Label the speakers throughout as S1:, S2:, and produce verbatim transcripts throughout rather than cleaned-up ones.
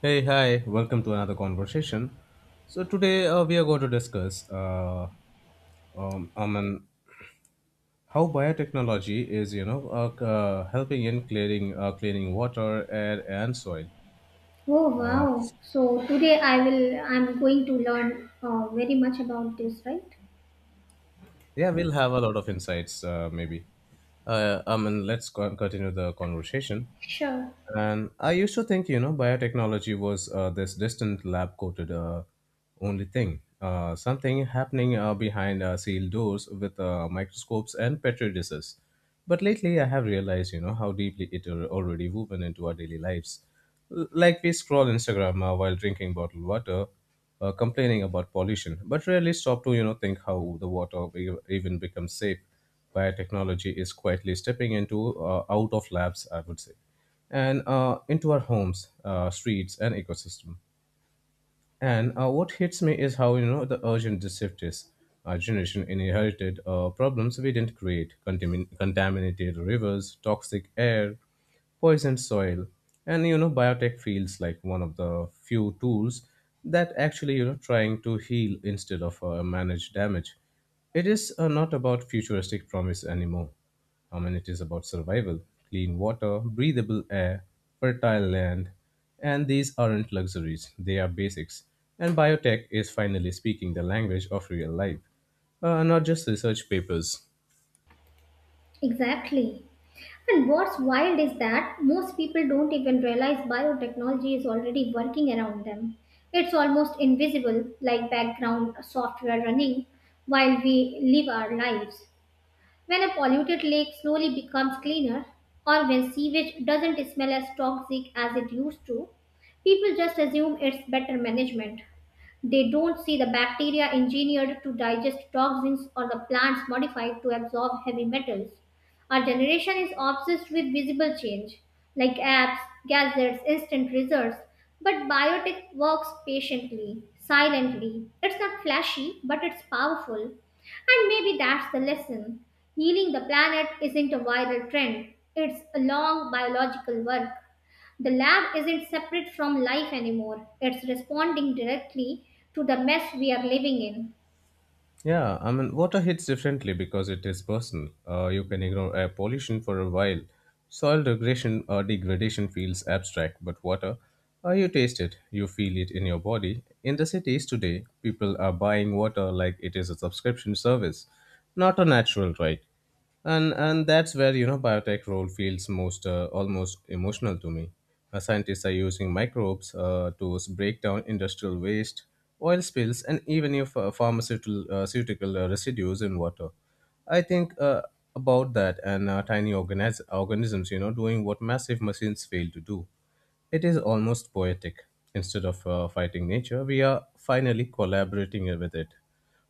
S1: Hey, hi, welcome to another conversation. So, today uh, we are going to discuss uh, um, I mean, how biotechnology is, you know, uh, c- uh, helping in clearing, uh, cleaning water, air, and soil.
S2: Oh
S1: Uh,
S2: wow! So today I will. I'm going to learn uh, very much about this, right?
S1: Yeah, we'll have a lot of insights, uh, maybe. Uh, I mean, let's co- continue the conversation.
S2: Sure.
S1: And I used to think, you know, biotechnology was uh, this distant lab coated uh, only thing, uh, something happening uh, behind uh, sealed doors with uh, microscopes and petri dishes. But lately, I have realized, you know, how deeply it are already woven into our daily lives. L- Like we scroll Instagram uh, while drinking bottled water, uh, complaining about pollution, but rarely stop to you know think how the water e- even becomes safe. Biotechnology is quietly stepping into uh, out of labs, I would say, and uh, into our homes, uh, streets, and ecosystem. And uh, what hits me is how you know the urgent this shift is. Our generation inherited uh, problems we didn't create: Contamin- contaminated rivers, toxic air, poisoned soil, and you know biotech feels like one of the few tools that actually you know trying to heal instead of uh, manage damage. It is uh, not about futuristic promise anymore. I mean, it is about survival, clean water, breathable air, fertile land, and these aren't luxuries, they are basics. And biotech is finally speaking the language of real life, uh, not just research papers.
S2: Exactly. And what's wild is that most people don't even realize biotechnology is already working around them. It's almost invisible, like background software running while we live our lives. When a polluted lake slowly becomes cleaner, or when sewage doesn't smell as toxic as it used to, people just assume it's better management. They don't see the bacteria engineered to digest toxins or the plants modified to absorb heavy metals. Our generation is obsessed with visible change, like apps, gadgets, instant results. But biotech works patiently, silently. It's not flashy, but it's powerful. And maybe that's the lesson. Healing the planet isn't a viral trend, it's a long biological work. The lab isn't separate from life anymore. It's responding directly to the mess we are living in.
S1: Yeah, I mean, water hits differently because it is personal. Uh, you can ignore air pollution for a while. Soil degradation uh, degradation feels abstract, but water, uh, you taste it, you feel it in your body. In the cities today, people are buying water like it is a subscription service, not a natural right, and and that's where you know biotech role feels most uh, almost emotional to me. Uh, scientists are using microbes uh, to s- break down industrial waste, oil spills, and even if uh, pharmaceutical uh, ceutical, uh, residues in water. I think uh, about that, and uh, tiny organis- organisms you know doing what massive machines fail to do. It is almost poetic. Instead of uh, fighting nature, we are finally collaborating with it.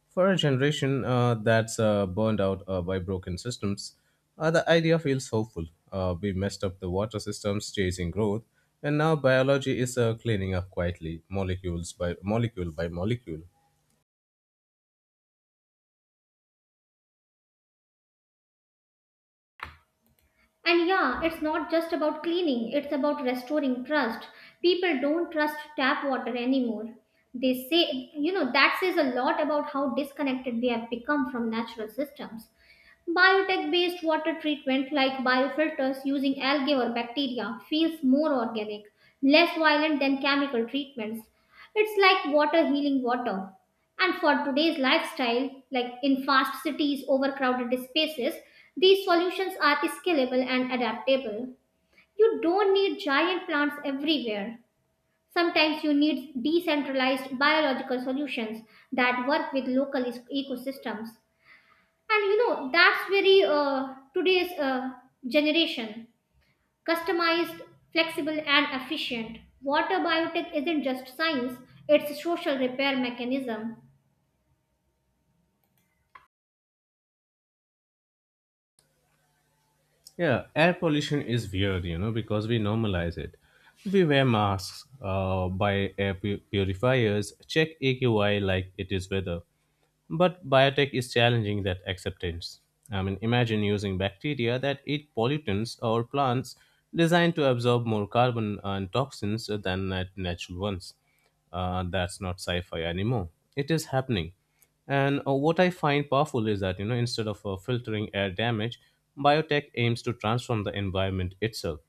S1: For a generation uh, that's uh, burned out uh, by broken systems, uh, the idea feels hopeful. Uh, we messed up the water systems chasing growth, and now biology is uh, cleaning up quietly, molecules by molecule by molecule.
S2: And yeah, it's not just about cleaning, it's about restoring trust. People don't trust tap water anymore. They say, you know, that says a lot about how disconnected we have become from natural systems. Biotech based water treatment like biofilters using algae or bacteria feels more organic, less violent than chemical treatments. It's like water healing water. And for today's lifestyle, like in fast cities, overcrowded spaces, these solutions are scalable and adaptable. You don't need giant plants everywhere. Sometimes you need decentralized biological solutions that work with local ec- ecosystems. And you know, that's very uh, today's uh, generation customized, flexible, and efficient. Water biotech isn't just science, it's a social repair mechanism.
S1: Yeah, air pollution is weird, you know, because we normalize it. We wear masks, uh, buy air pu- purifiers, check A Q I like it is weather. But biotech is challenging that acceptance. I mean, imagine using bacteria that eat pollutants or plants designed to absorb more carbon and toxins than nat- natural ones. Uh, that's not sci fi anymore. It is happening. And uh, what I find powerful is that, you know, instead of uh, filtering air damage, biotech aims to transform the environment itself.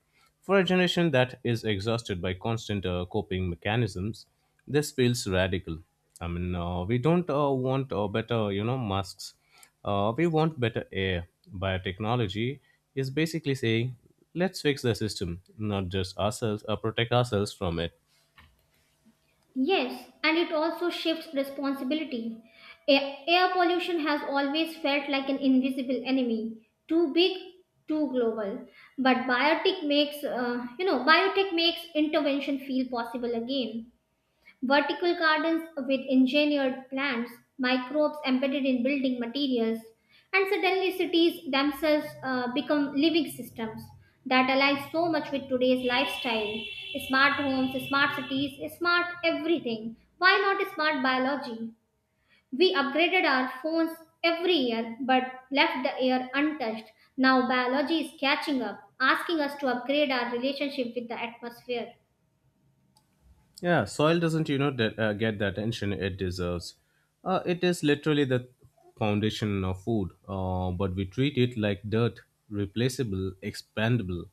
S1: For a generation that is exhausted by constant uh, coping mechanisms, this feels radical. I mean, uh, we don't uh, want uh, better, you know, masks. Uh, we want better air. Biotechnology is basically saying, let's fix the system, not just ourselves, uh, protect ourselves from it.
S2: Yes, and it also shifts responsibility. A- Air pollution has always felt like an invisible enemy, too big, too global. But biotech makes, uh, you know, biotech makes intervention feel possible again. Vertical gardens with engineered plants, microbes embedded in building materials, and suddenly cities themselves uh, become living systems that align so much with today's lifestyle. Smart homes, smart cities, smart everything. Why not smart biology? We upgraded our phones every year but left the air untouched. Now biology is catching up, asking us to upgrade our relationship with the atmosphere.
S1: Yeah, soil doesn't, you know, de- uh, get the attention it deserves. Uh, it is literally the foundation of food, uh, but we treat it like dirt, replaceable, expandable.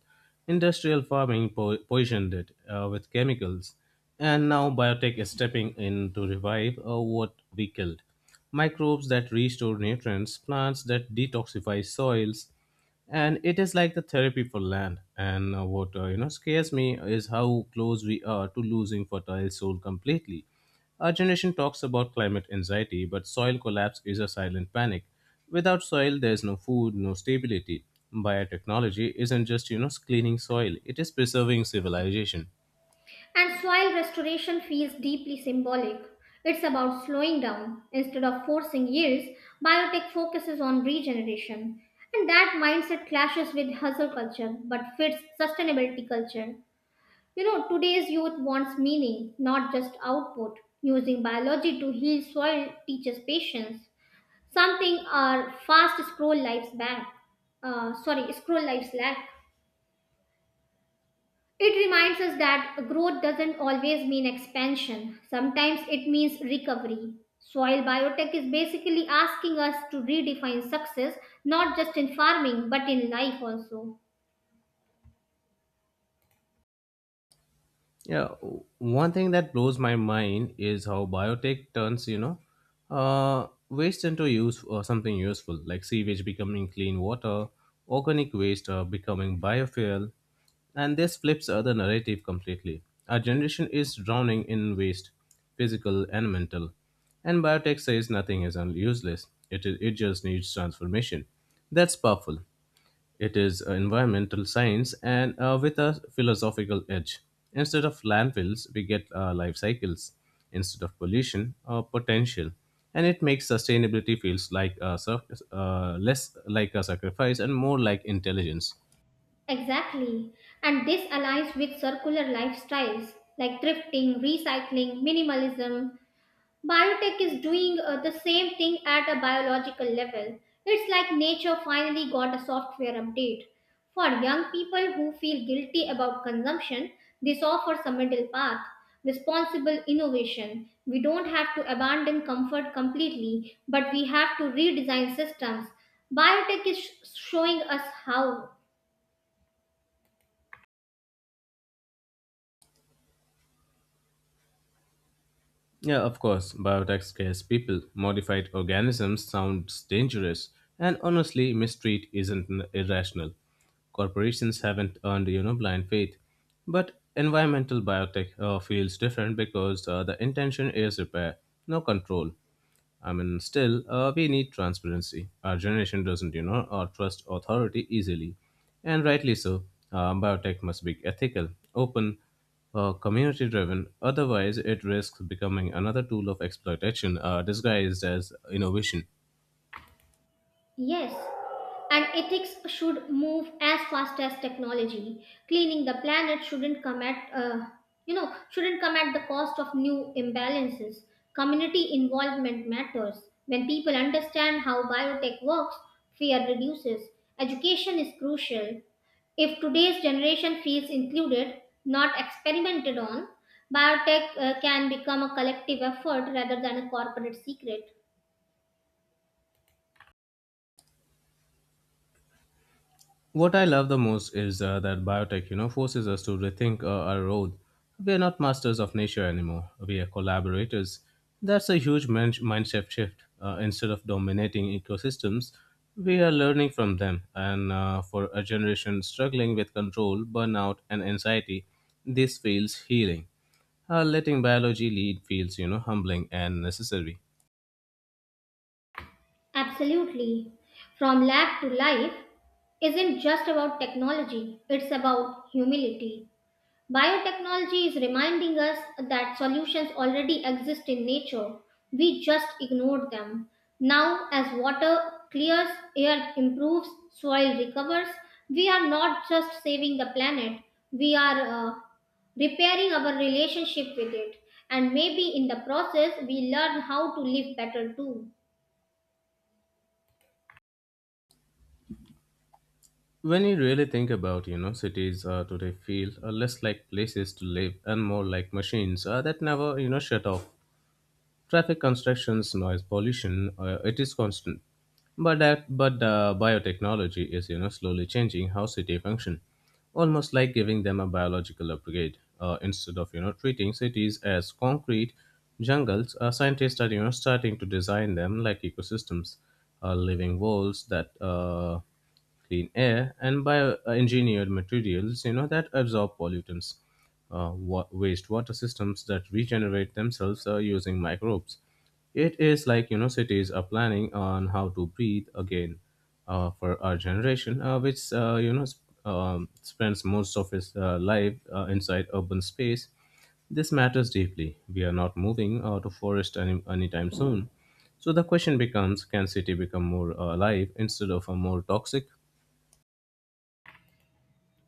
S1: Industrial farming po- poisoned it uh, with chemicals, and now biotech is stepping in to revive uh, what we killed. Microbes that restore nutrients, plants that detoxify soils, and it is like the therapy for land and uh, water. You know scares me is how close we are to losing fertile soil completely. Our generation talks about climate anxiety, but soil collapse is a silent panic. Without soil there is no food, no stability. Biotechnology isn't just you know cleaning soil, it is preserving civilization.
S2: And soil restoration feels deeply symbolic. It's about slowing down. Instead of forcing yields, biotech focuses on regeneration. And that mindset clashes with hustle culture but fits sustainability culture. You know, today's youth wants meaning, not just output. Using biology to heal soil teaches patience, something our fast scroll lives back. Uh, sorry, scroll lives lack. It reminds us that growth doesn't always mean expansion. Sometimes it means recovery. Soil biotech is basically asking us to redefine success, not just in farming, but in life also.
S1: Yeah, one thing that blows my mind is how biotech turns, you know, uh, waste into use or something useful, like sewage becoming clean water, organic waste uh, becoming biofuel, and this flips other narrative completely. Our generation is drowning in waste, physical and mental, and biotech says nothing is un- useless. It, it just needs transformation. That's powerful. It is uh, environmental science and uh, with a philosophical edge. Instead of landfills, we get uh, life cycles. Instead of pollution, uh, potential. And it makes sustainability feels like a, sac- uh, less like a sacrifice and more like intelligence.
S2: Exactly. And this aligns with circular lifestyles like thrifting, recycling, minimalism. Biotech is doing uh, the same thing at a biological level. It's like nature finally got a software update. For young people who feel guilty about consumption, this offers a middle path, responsible innovation. We don't have to abandon comfort completely, but we have to redesign systems. Biotech is sh- showing us how.
S1: Yeah, of course, biotech scares people. Modified organisms sounds dangerous, and honestly, mistreat isn't n- irrational. Corporations haven't earned, you know, blind faith. But environmental biotech uh, feels different because uh, the intention is repair, no control. I mean, still, uh, we need transparency. Our generation doesn't, you know, or trust authority easily, and rightly so. Uh, biotech must be ethical, open, uh, community-driven. Otherwise, it risks becoming another tool of exploitation, uh, disguised as innovation.
S2: Yes, and ethics should move as fast as technology. Cleaning the planet shouldn't come at uh, you know shouldn't come at the cost of new imbalances. Community involvement matters. When people understand how biotech works, fear reduces. Education is crucial. If today's generation feels included, not experimented on, biotech uh, can become a collective effort rather than a corporate secret.
S1: What I love the most is uh, that biotech, you know, forces us to rethink uh, our role. We are not masters of nature anymore. We are collaborators. That's a huge min- mindset shift. Uh, instead of dominating ecosystems, we are learning from them. And uh, for a generation struggling with control, burnout, and anxiety, this feels healing. Uh, letting biology lead feels, you know, humbling and necessary.
S2: Absolutely. From lab to life isn't just about technology, it's about humility. Biotechnology is reminding us that solutions already exist in nature. We just ignored them. Now, as water clears, air improves, soil recovers, we are not just saving the planet, we are uh, repairing our relationship with it. And maybe in the process, we learn how to live better too.
S1: When you really think about, you know, cities uh, today feel uh, less like places to live and more like machines uh, that never, you know, shut off. Traffic, constructions, noise, pollution, uh, it is constant. But that, but uh, biotechnology is, you know, slowly changing how city function, almost like giving them a biological upgrade. Uh, instead of, you know, treating cities as concrete jungles, uh, scientists are, you know, starting to design them like ecosystems, uh, living walls that. Uh, clean air, and bioengineered materials, you know, that absorb pollutants, uh, wa- wastewater systems that regenerate themselves uh, using microbes. It is like, you know, cities are planning on how to breathe again, uh, for our generation, uh, which, uh, you know, sp- um, spends most of its uh, life uh, inside urban space. This matters deeply. We are not moving out of forest any, anytime soon. So the question becomes, can city become more uh, alive instead of a more toxic?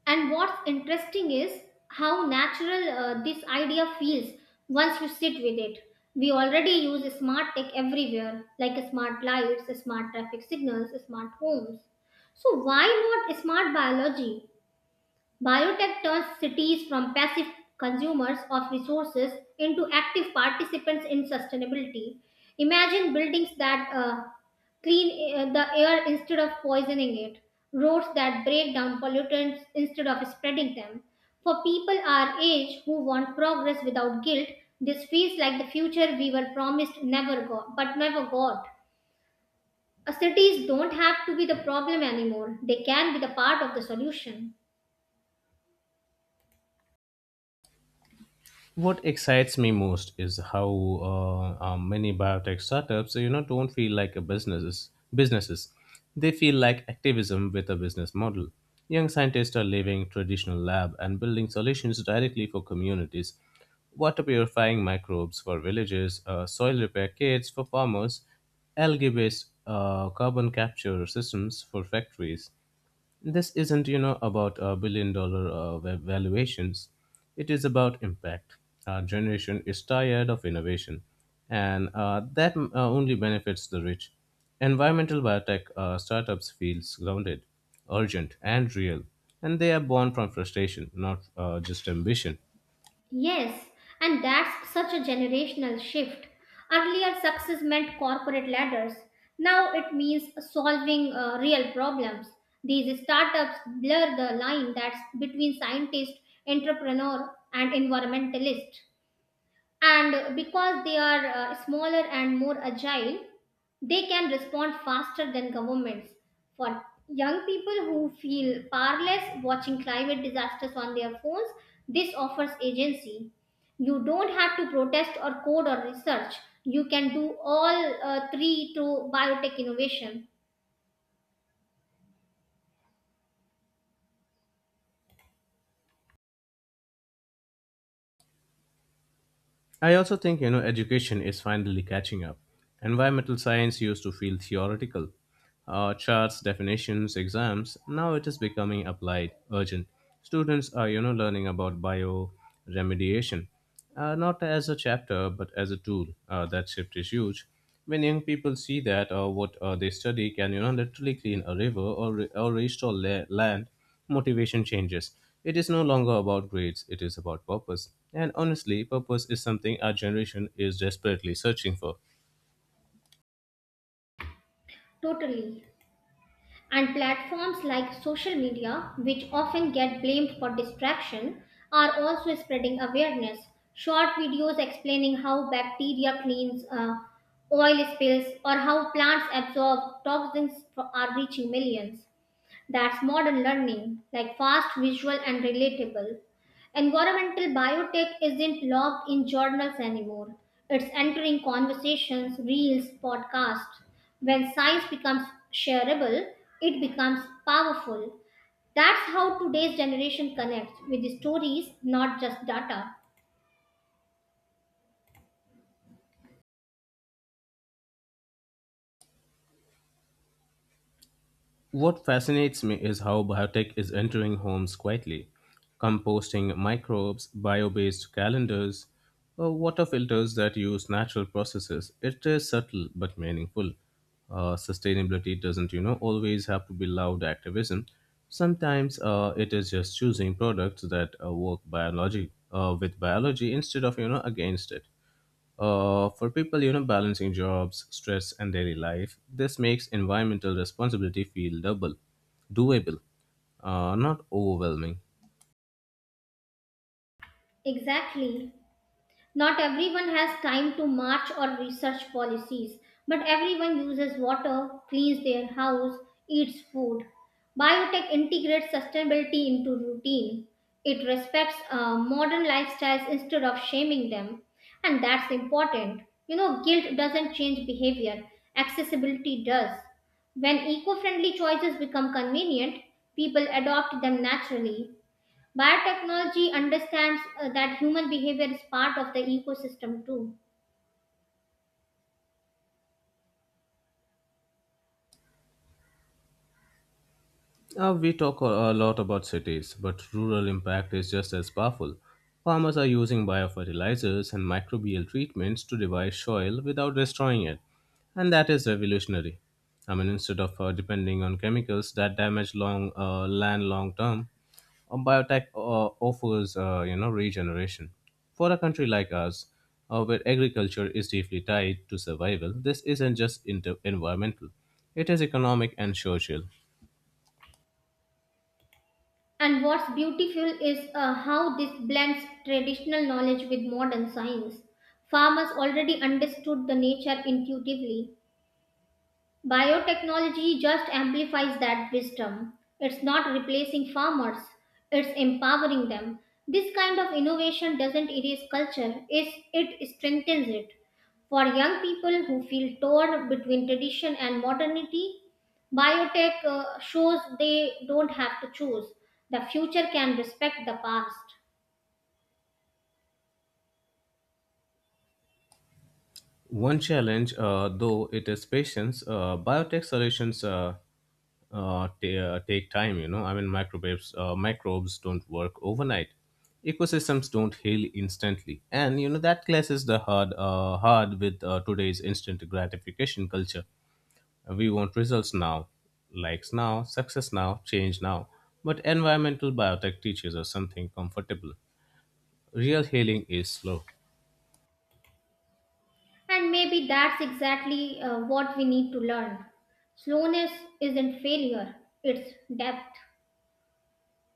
S2: And what's interesting is how natural uh, this idea feels once you sit with it. We already use smart tech everywhere, like smart lights, smart traffic signals, smart homes. So, why not smart biology? Biotech turns cities from passive consumers of resources into active participants in sustainability. Imagine buildings that uh, clean uh, the air instead of poisoning it, roads that break down pollutants instead of spreading them. For people our age who want progress without guilt, this feels like the future we were promised never got, but never got. Uh, Cities don't have to be the problem anymore. They can be the part of the solution.
S1: What excites me most is how uh, uh, many biotech startups, you know, don't feel like a businesses. Businesses, they feel like activism with a business model. Young scientists are leaving traditional lab and building solutions directly for communities. Water purifying microbes for villages, uh, soil repair kits for farmers, algae-based uh, carbon capture systems for factories. This isn't you know about uh, billion dollar uh, va- valuations, it is about impact. Our generation is tired of innovation and uh, that uh, only benefits the rich. Environmental biotech uh, startups feels grounded, urgent and real, and they are born from frustration, not uh, just ambition.
S2: Yes, and that's such a generational shift. Earlier, success meant corporate ladders. Now it means solving uh, real problems. These startups blur the line that's between scientist, entrepreneur, and environmentalist, and because they are uh, smaller and more agile, they can respond faster than governments. For young people who feel powerless watching climate disasters on their phones, this offers agency. You don't have to protest or code or research, you can do all uh, three through biotech innovation.
S1: I also think, you know education is finally catching up. Environmental science used to feel theoretical, uh, charts, definitions, exams. Now it is becoming applied, urgent. Students are you know learning about bioremediation, uh, not as a chapter but as a tool. Uh, that shift is huge. When young people see that uh, what uh, they study can you know literally clean a river or re- or restore la- land, motivation changes. It is no longer about grades, it is about purpose. And honestly, purpose is something our generation is desperately searching for.
S2: Totally. And platforms like social media, which often get blamed for distraction, are also spreading awareness. Short videos explaining how bacteria cleans uh, oil spills or how plants absorb toxins are reaching millions. That's modern learning, like fast, visual, and relatable. Environmental biotech isn't locked in journals anymore. It's entering conversations, reels, podcasts. When science becomes shareable, it becomes powerful. That's how today's generation connects with the stories, not just data.
S1: What fascinates me is how biotech is entering homes quietly. Composting microbes, bio based calendars, uh, water filters that use natural processes. It is subtle but meaningful. Uh, sustainability doesn't, you know, always have to be loud activism. Sometimes uh, it is just choosing products that uh, work biology uh, with biology instead of, you know, against it. Uh, for people, you know, balancing jobs, stress, and daily life, this makes environmental responsibility feel double, doable, uh, not overwhelming.
S2: Exactly. Not everyone has time to march or research policies, but everyone uses water, cleans their house, eats food. Biotech integrates sustainability into routine. It respects uh, modern lifestyles instead of shaming them, and that's important. You know, guilt doesn't change behavior, accessibility does. When eco friendly choices become convenient, people adopt them naturally. Biotechnology understands uh, that human behavior is part of the ecosystem too.
S1: Uh, we talk a a lot about cities, but rural impact is just as powerful. Farmers are using biofertilizers and microbial treatments to revive soil without destroying it, and that is revolutionary. I mean, instead of uh, depending on chemicals that damage long uh, land long term. Um, biotech uh, offers, uh, you know regeneration for a country like ours, uh, where agriculture is deeply tied to survival. This isn't just inter- environmental; it is economic and social.
S2: And what's beautiful is uh, how this blends traditional knowledge with modern science. Farmers already understood the nature intuitively. Biotechnology just amplifies that wisdom. It's not replacing farmers, it's empowering them. This kind of innovation doesn't erase culture, it's, it strengthens it. For young people who feel torn between tradition and modernity, biotech uh, shows they don't have to choose. The future can respect the past.
S1: One challenge, uh, though, it is patience. Uh, biotech solutions uh, uh, t- uh, take time. You know, I mean, microbes uh, microbes don't work overnight. Ecosystems don't heal instantly, and you know that clashes the hard uh, hard with uh, today's instant gratification culture. We want results now, likes now, success now, change now. But environmental biotech teaches us something comfortable. Real healing is slow.
S2: And maybe that's exactly uh, what we need to learn. Slowness isn't failure, it's depth.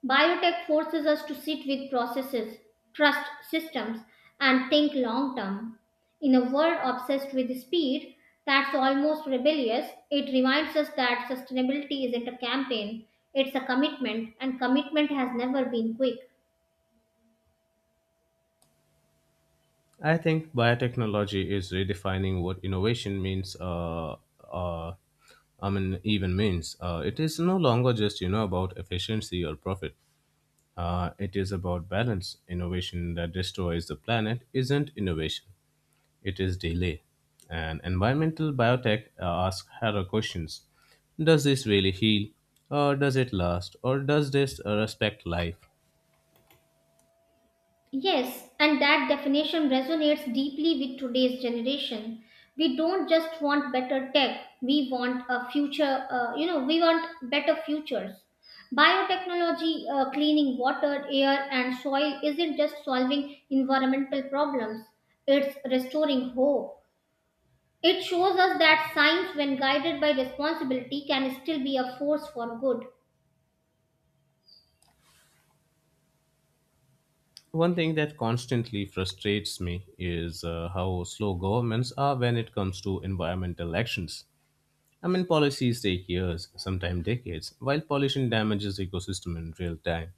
S2: Biotech forces us to sit with processes, trust systems, and think long term. In a world obsessed with speed, that's almost rebellious. It reminds us that sustainability isn't a campaign, it's a commitment, and commitment has never been quick.
S1: I think biotechnology is redefining what innovation means. Uh, uh, I mean, even means uh, it is no longer just you know about efficiency or profit. Uh, it is about balance. Innovation that destroys the planet isn't innovation. It is delay. And environmental biotech uh, asks harder questions. Does this really heal? Or does it last? Or does this uh, respect life?
S2: Yes, and that definition resonates deeply with today's generation. We don't just want better tech, we want a future, uh, you know, we want better futures. Biotechnology, uh, cleaning water, air, and soil isn't just solving environmental problems, it's restoring hope. It shows us that science, when guided by responsibility, can still be a force for good.
S1: One thing that constantly frustrates me is uh, how slow governments are when it comes to environmental actions. I mean, policies take years, sometimes decades, while pollution damages ecosystem in real time.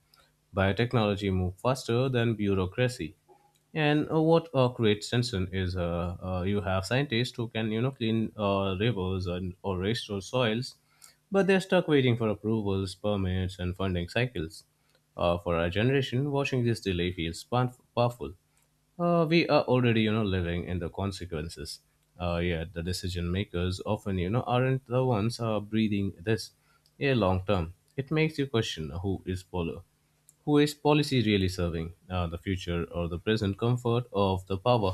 S1: Biotechnology moves faster than bureaucracy. And uh, what uh, creates tension is uh, uh, you have scientists who can you know clean uh, rivers and or restore soils, but they're stuck waiting for approvals, permits, and funding cycles. Uh, for our generation, watching this delay feels pow- powerful. Uh, we are already, you know, living in the consequences. Uh, yet the decision makers often, you know, aren't the ones uh, breathing this. Yeah, long term, it makes you question who is pol- who is policy really serving, uh, the future or the present comfort of the power.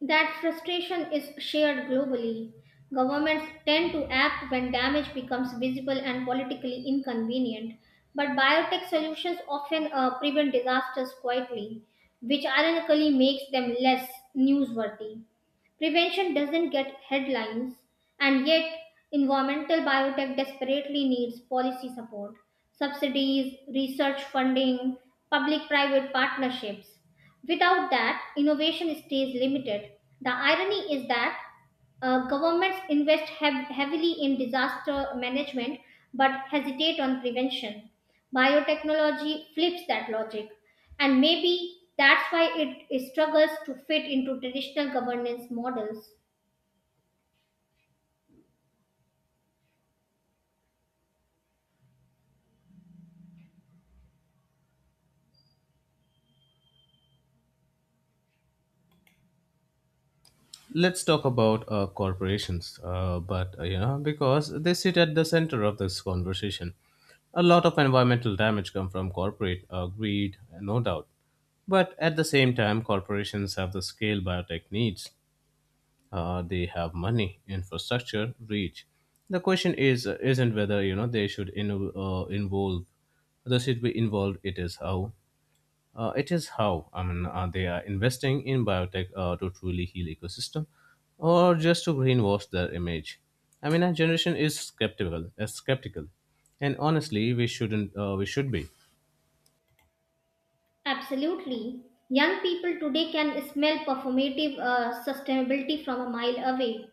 S2: That frustration is shared globally. Governments tend to act when damage becomes visible and politically inconvenient, but biotech solutions often uh, prevent disasters quietly, which ironically makes them less newsworthy. Prevention doesn't get headlines, and yet environmental biotech desperately needs policy support, subsidies, research funding, public private partnerships. Without that, innovation stays limited. The irony is that uh, governments invest hev- heavily in disaster management but hesitate on prevention. Biotechnology flips that logic, and maybe that's why it struggles to fit into traditional governance models.
S1: Let's talk about uh, corporations uh, but uh, you know because they sit at the center of this conversation. A lot of environmental damage come from corporate uh, greed, no doubt, but at the same time corporations have the scale biotech needs. Uh, they have money, infrastructure, reach. The question is uh, isn't whether you know they should in, uh, involve. They should be involved. It is how. Uh, it is how. I mean uh, they are investing in biotech uh, to truly heal ecosystem, or just to greenwash their image. I mean, our generation is skeptical, uh, skeptical, and honestly, we shouldn't. Uh, we should be.
S2: Absolutely. Young people today can smell performative uh, sustainability from a mile away.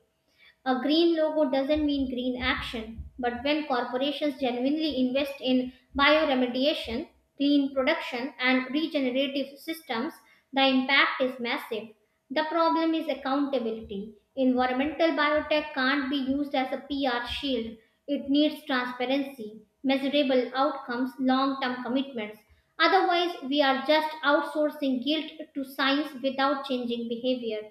S2: A green logo doesn't mean green action, but when corporations genuinely invest in bioremediation, clean production, and regenerative systems, the impact is massive. The problem is accountability. Environmental biotech can't be used as a P R shield. It needs transparency, measurable outcomes, long term commitments. Otherwise, we are just outsourcing guilt to science without changing behavior.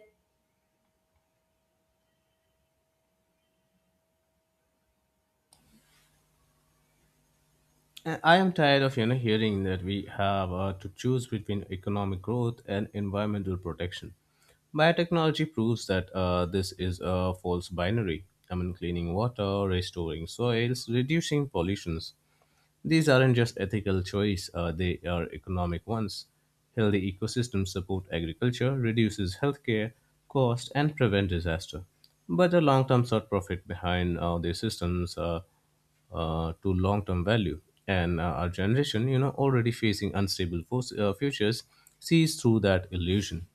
S1: And I am tired of you know hearing that we have uh, to choose between economic growth and environmental protection. Biotechnology proves that uh, this is a false binary. I mean, cleaning water, restoring soils, reducing pollutions. These aren't just ethical choice, uh, they are economic ones. Healthy ecosystems support agriculture, reduces healthcare cost, and prevent disaster. But the long-term short profit behind uh, these systems uh, uh, to long-term value. And uh, our generation, you know, already facing unstable force, uh, futures, sees through that illusion.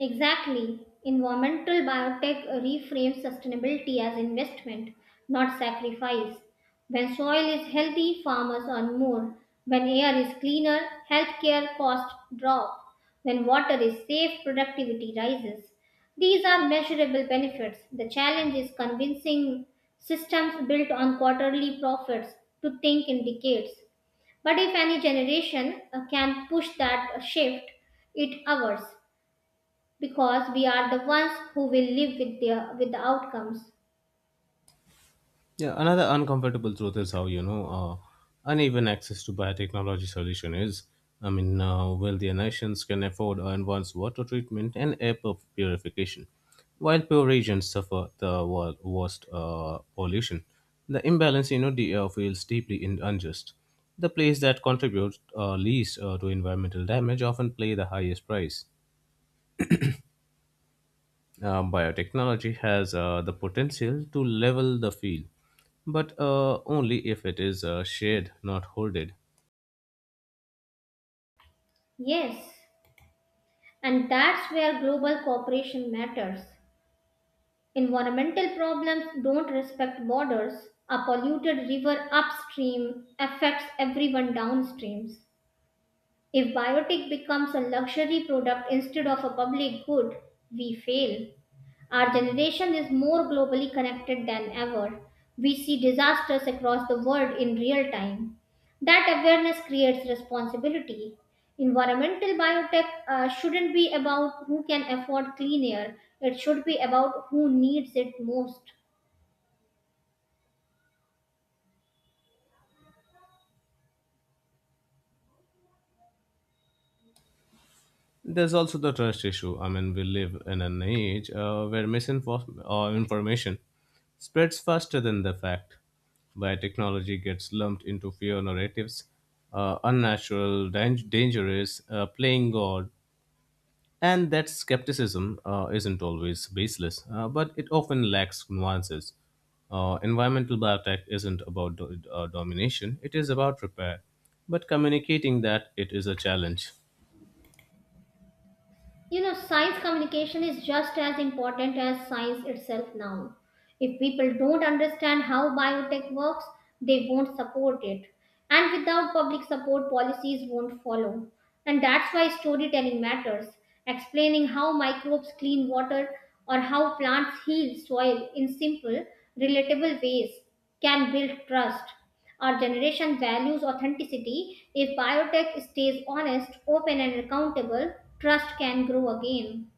S2: Exactly. Environmental biotech reframes sustainability as investment, not sacrifice. When soil is healthy, farmers earn more. When air is cleaner, healthcare costs drop. When water is safe, productivity rises. These are measurable benefits. The challenge is convincing systems built on quarterly profits to think in decades. But if any generation uh, can push that shift, it ours, because we are the ones who will live with the, with the outcomes.
S1: Yeah, another uncomfortable truth is how, you know, uh, uneven access to biotechnology solution is. I mean, uh, wealthier nations can afford advanced water treatment and air pur- purification, while poor regions suffer the wor- worst uh, pollution. The imbalance, you know, the, uh, feels deeply in- unjust. The place that contributes uh, least uh, to environmental damage often pay the highest price. Uh, biotechnology has uh, the potential to level the field, but uh, only if it is uh, shared, not hoarded.
S2: Yes, and that's where global cooperation matters. Environmental problems don't respect borders. A polluted river upstream affects everyone downstream. If biotic becomes a luxury product instead of a public good, we fail. Our generation is more globally connected than ever. We see disasters across the world in real time. That awareness creates responsibility. Environmental biotech uh, shouldn't be about who can afford clean air, it should be about who needs it most.
S1: There's also the trust issue. I mean, we live in an age uh, where misinformation uh, information spreads faster than the fact. Biotechnology gets lumped into fear narratives, uh, unnatural, dang- dangerous, uh, playing God, and that skepticism uh, isn't always baseless, uh, but it often lacks nuances. Uh, environmental biotech isn't about do- uh, domination, it is about repair, but communicating that it is a challenge.
S2: You know, science communication is just as important as science itself now. If people don't understand how biotech works, they won't support it. And without public support, policies won't follow. And that's why storytelling matters. Explaining how microbes clean water or how plants heal soil in simple, relatable ways can build trust. Our generation values authenticity. If biotech stays honest, open, and accountable, trust can grow again.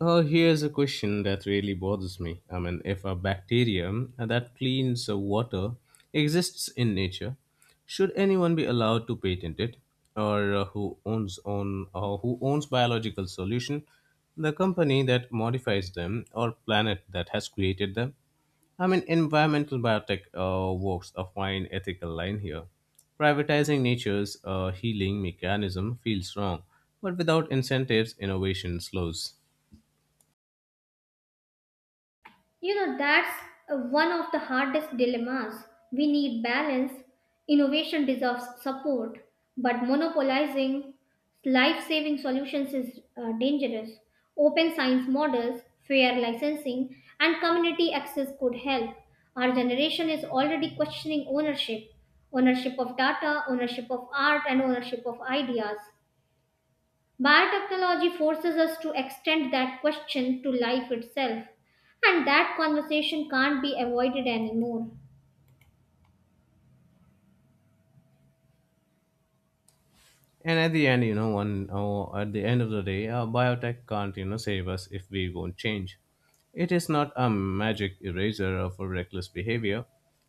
S1: Uh, here's a question that really bothers me. I mean, if a bacterium that cleans the water exists in nature, should anyone be allowed to patent it, or uh, who owns on uh, who owns biological solution, the company that modifies them, or planet that has created them? I mean, environmental biotech uh, walks a fine ethical line here. Privatizing nature's uh, healing mechanism feels wrong, but without incentives, innovation slows.
S2: You know, that's uh, one of the hardest dilemmas. We need balance. Innovation deserves support, but monopolizing life saving solutions is uh, dangerous. Open science models, fair licensing, and community access could help. Our generation is already questioning ownership ownership of data, ownership of art, and ownership of ideas. Biotechnology forces us to extend that question to life itself, and that conversation can't be avoided anymore.
S1: And at the end you know one oh, at the end of the day uh, biotech can't you know save us if we won't change. It is not a magic eraser of our reckless behavior.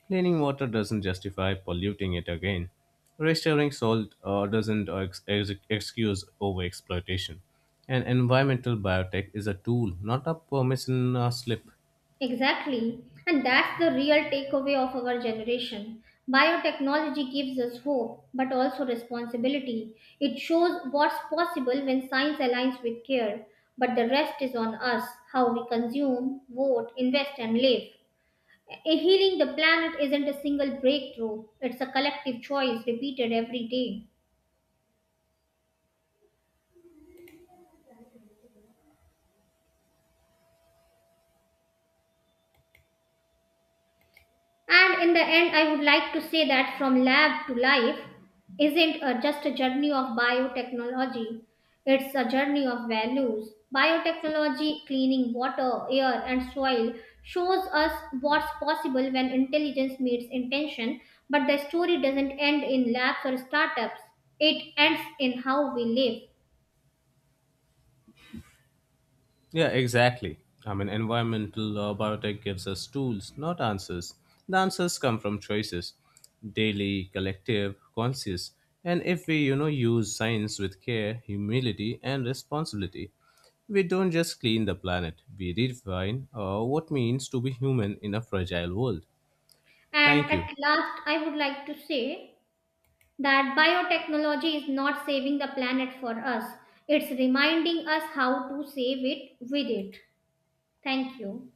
S1: Cleaning water doesn't justify polluting it again. Restoring salt uh, doesn't ex- ex- excuse overexploitation. And environmental biotech is a tool, not a permission uh, slip.
S2: Exactly, and that's the real takeaway of our generation. Biotechnology gives us hope, but also responsibility. It shows what's possible when science aligns with care, but the rest is on us, how we consume, vote, invest, and live. A- Healing the planet isn't a single breakthrough, it's a collective choice repeated every day. And in the end, I would like to say that from lab to life isn't a, just a journey of biotechnology, it's a journey of values. Biotechnology, cleaning water, air, and soil, shows us what's possible when intelligence meets intention, but the story doesn't end in labs or startups, it ends in how we live.
S1: Yeah, exactly. I mean, environmental uh, biotech gives us tools, not answers. The answers come from choices daily, collective, conscious. And if we, you know, use science with care, humility, and responsibility, we don't just clean the planet, we redefine uh, what means to be human in a fragile world.
S2: And
S1: Thank you.
S2: at last, I would like to say that biotechnology is not saving the planet for us, it's reminding us how to save it with it. Thank you.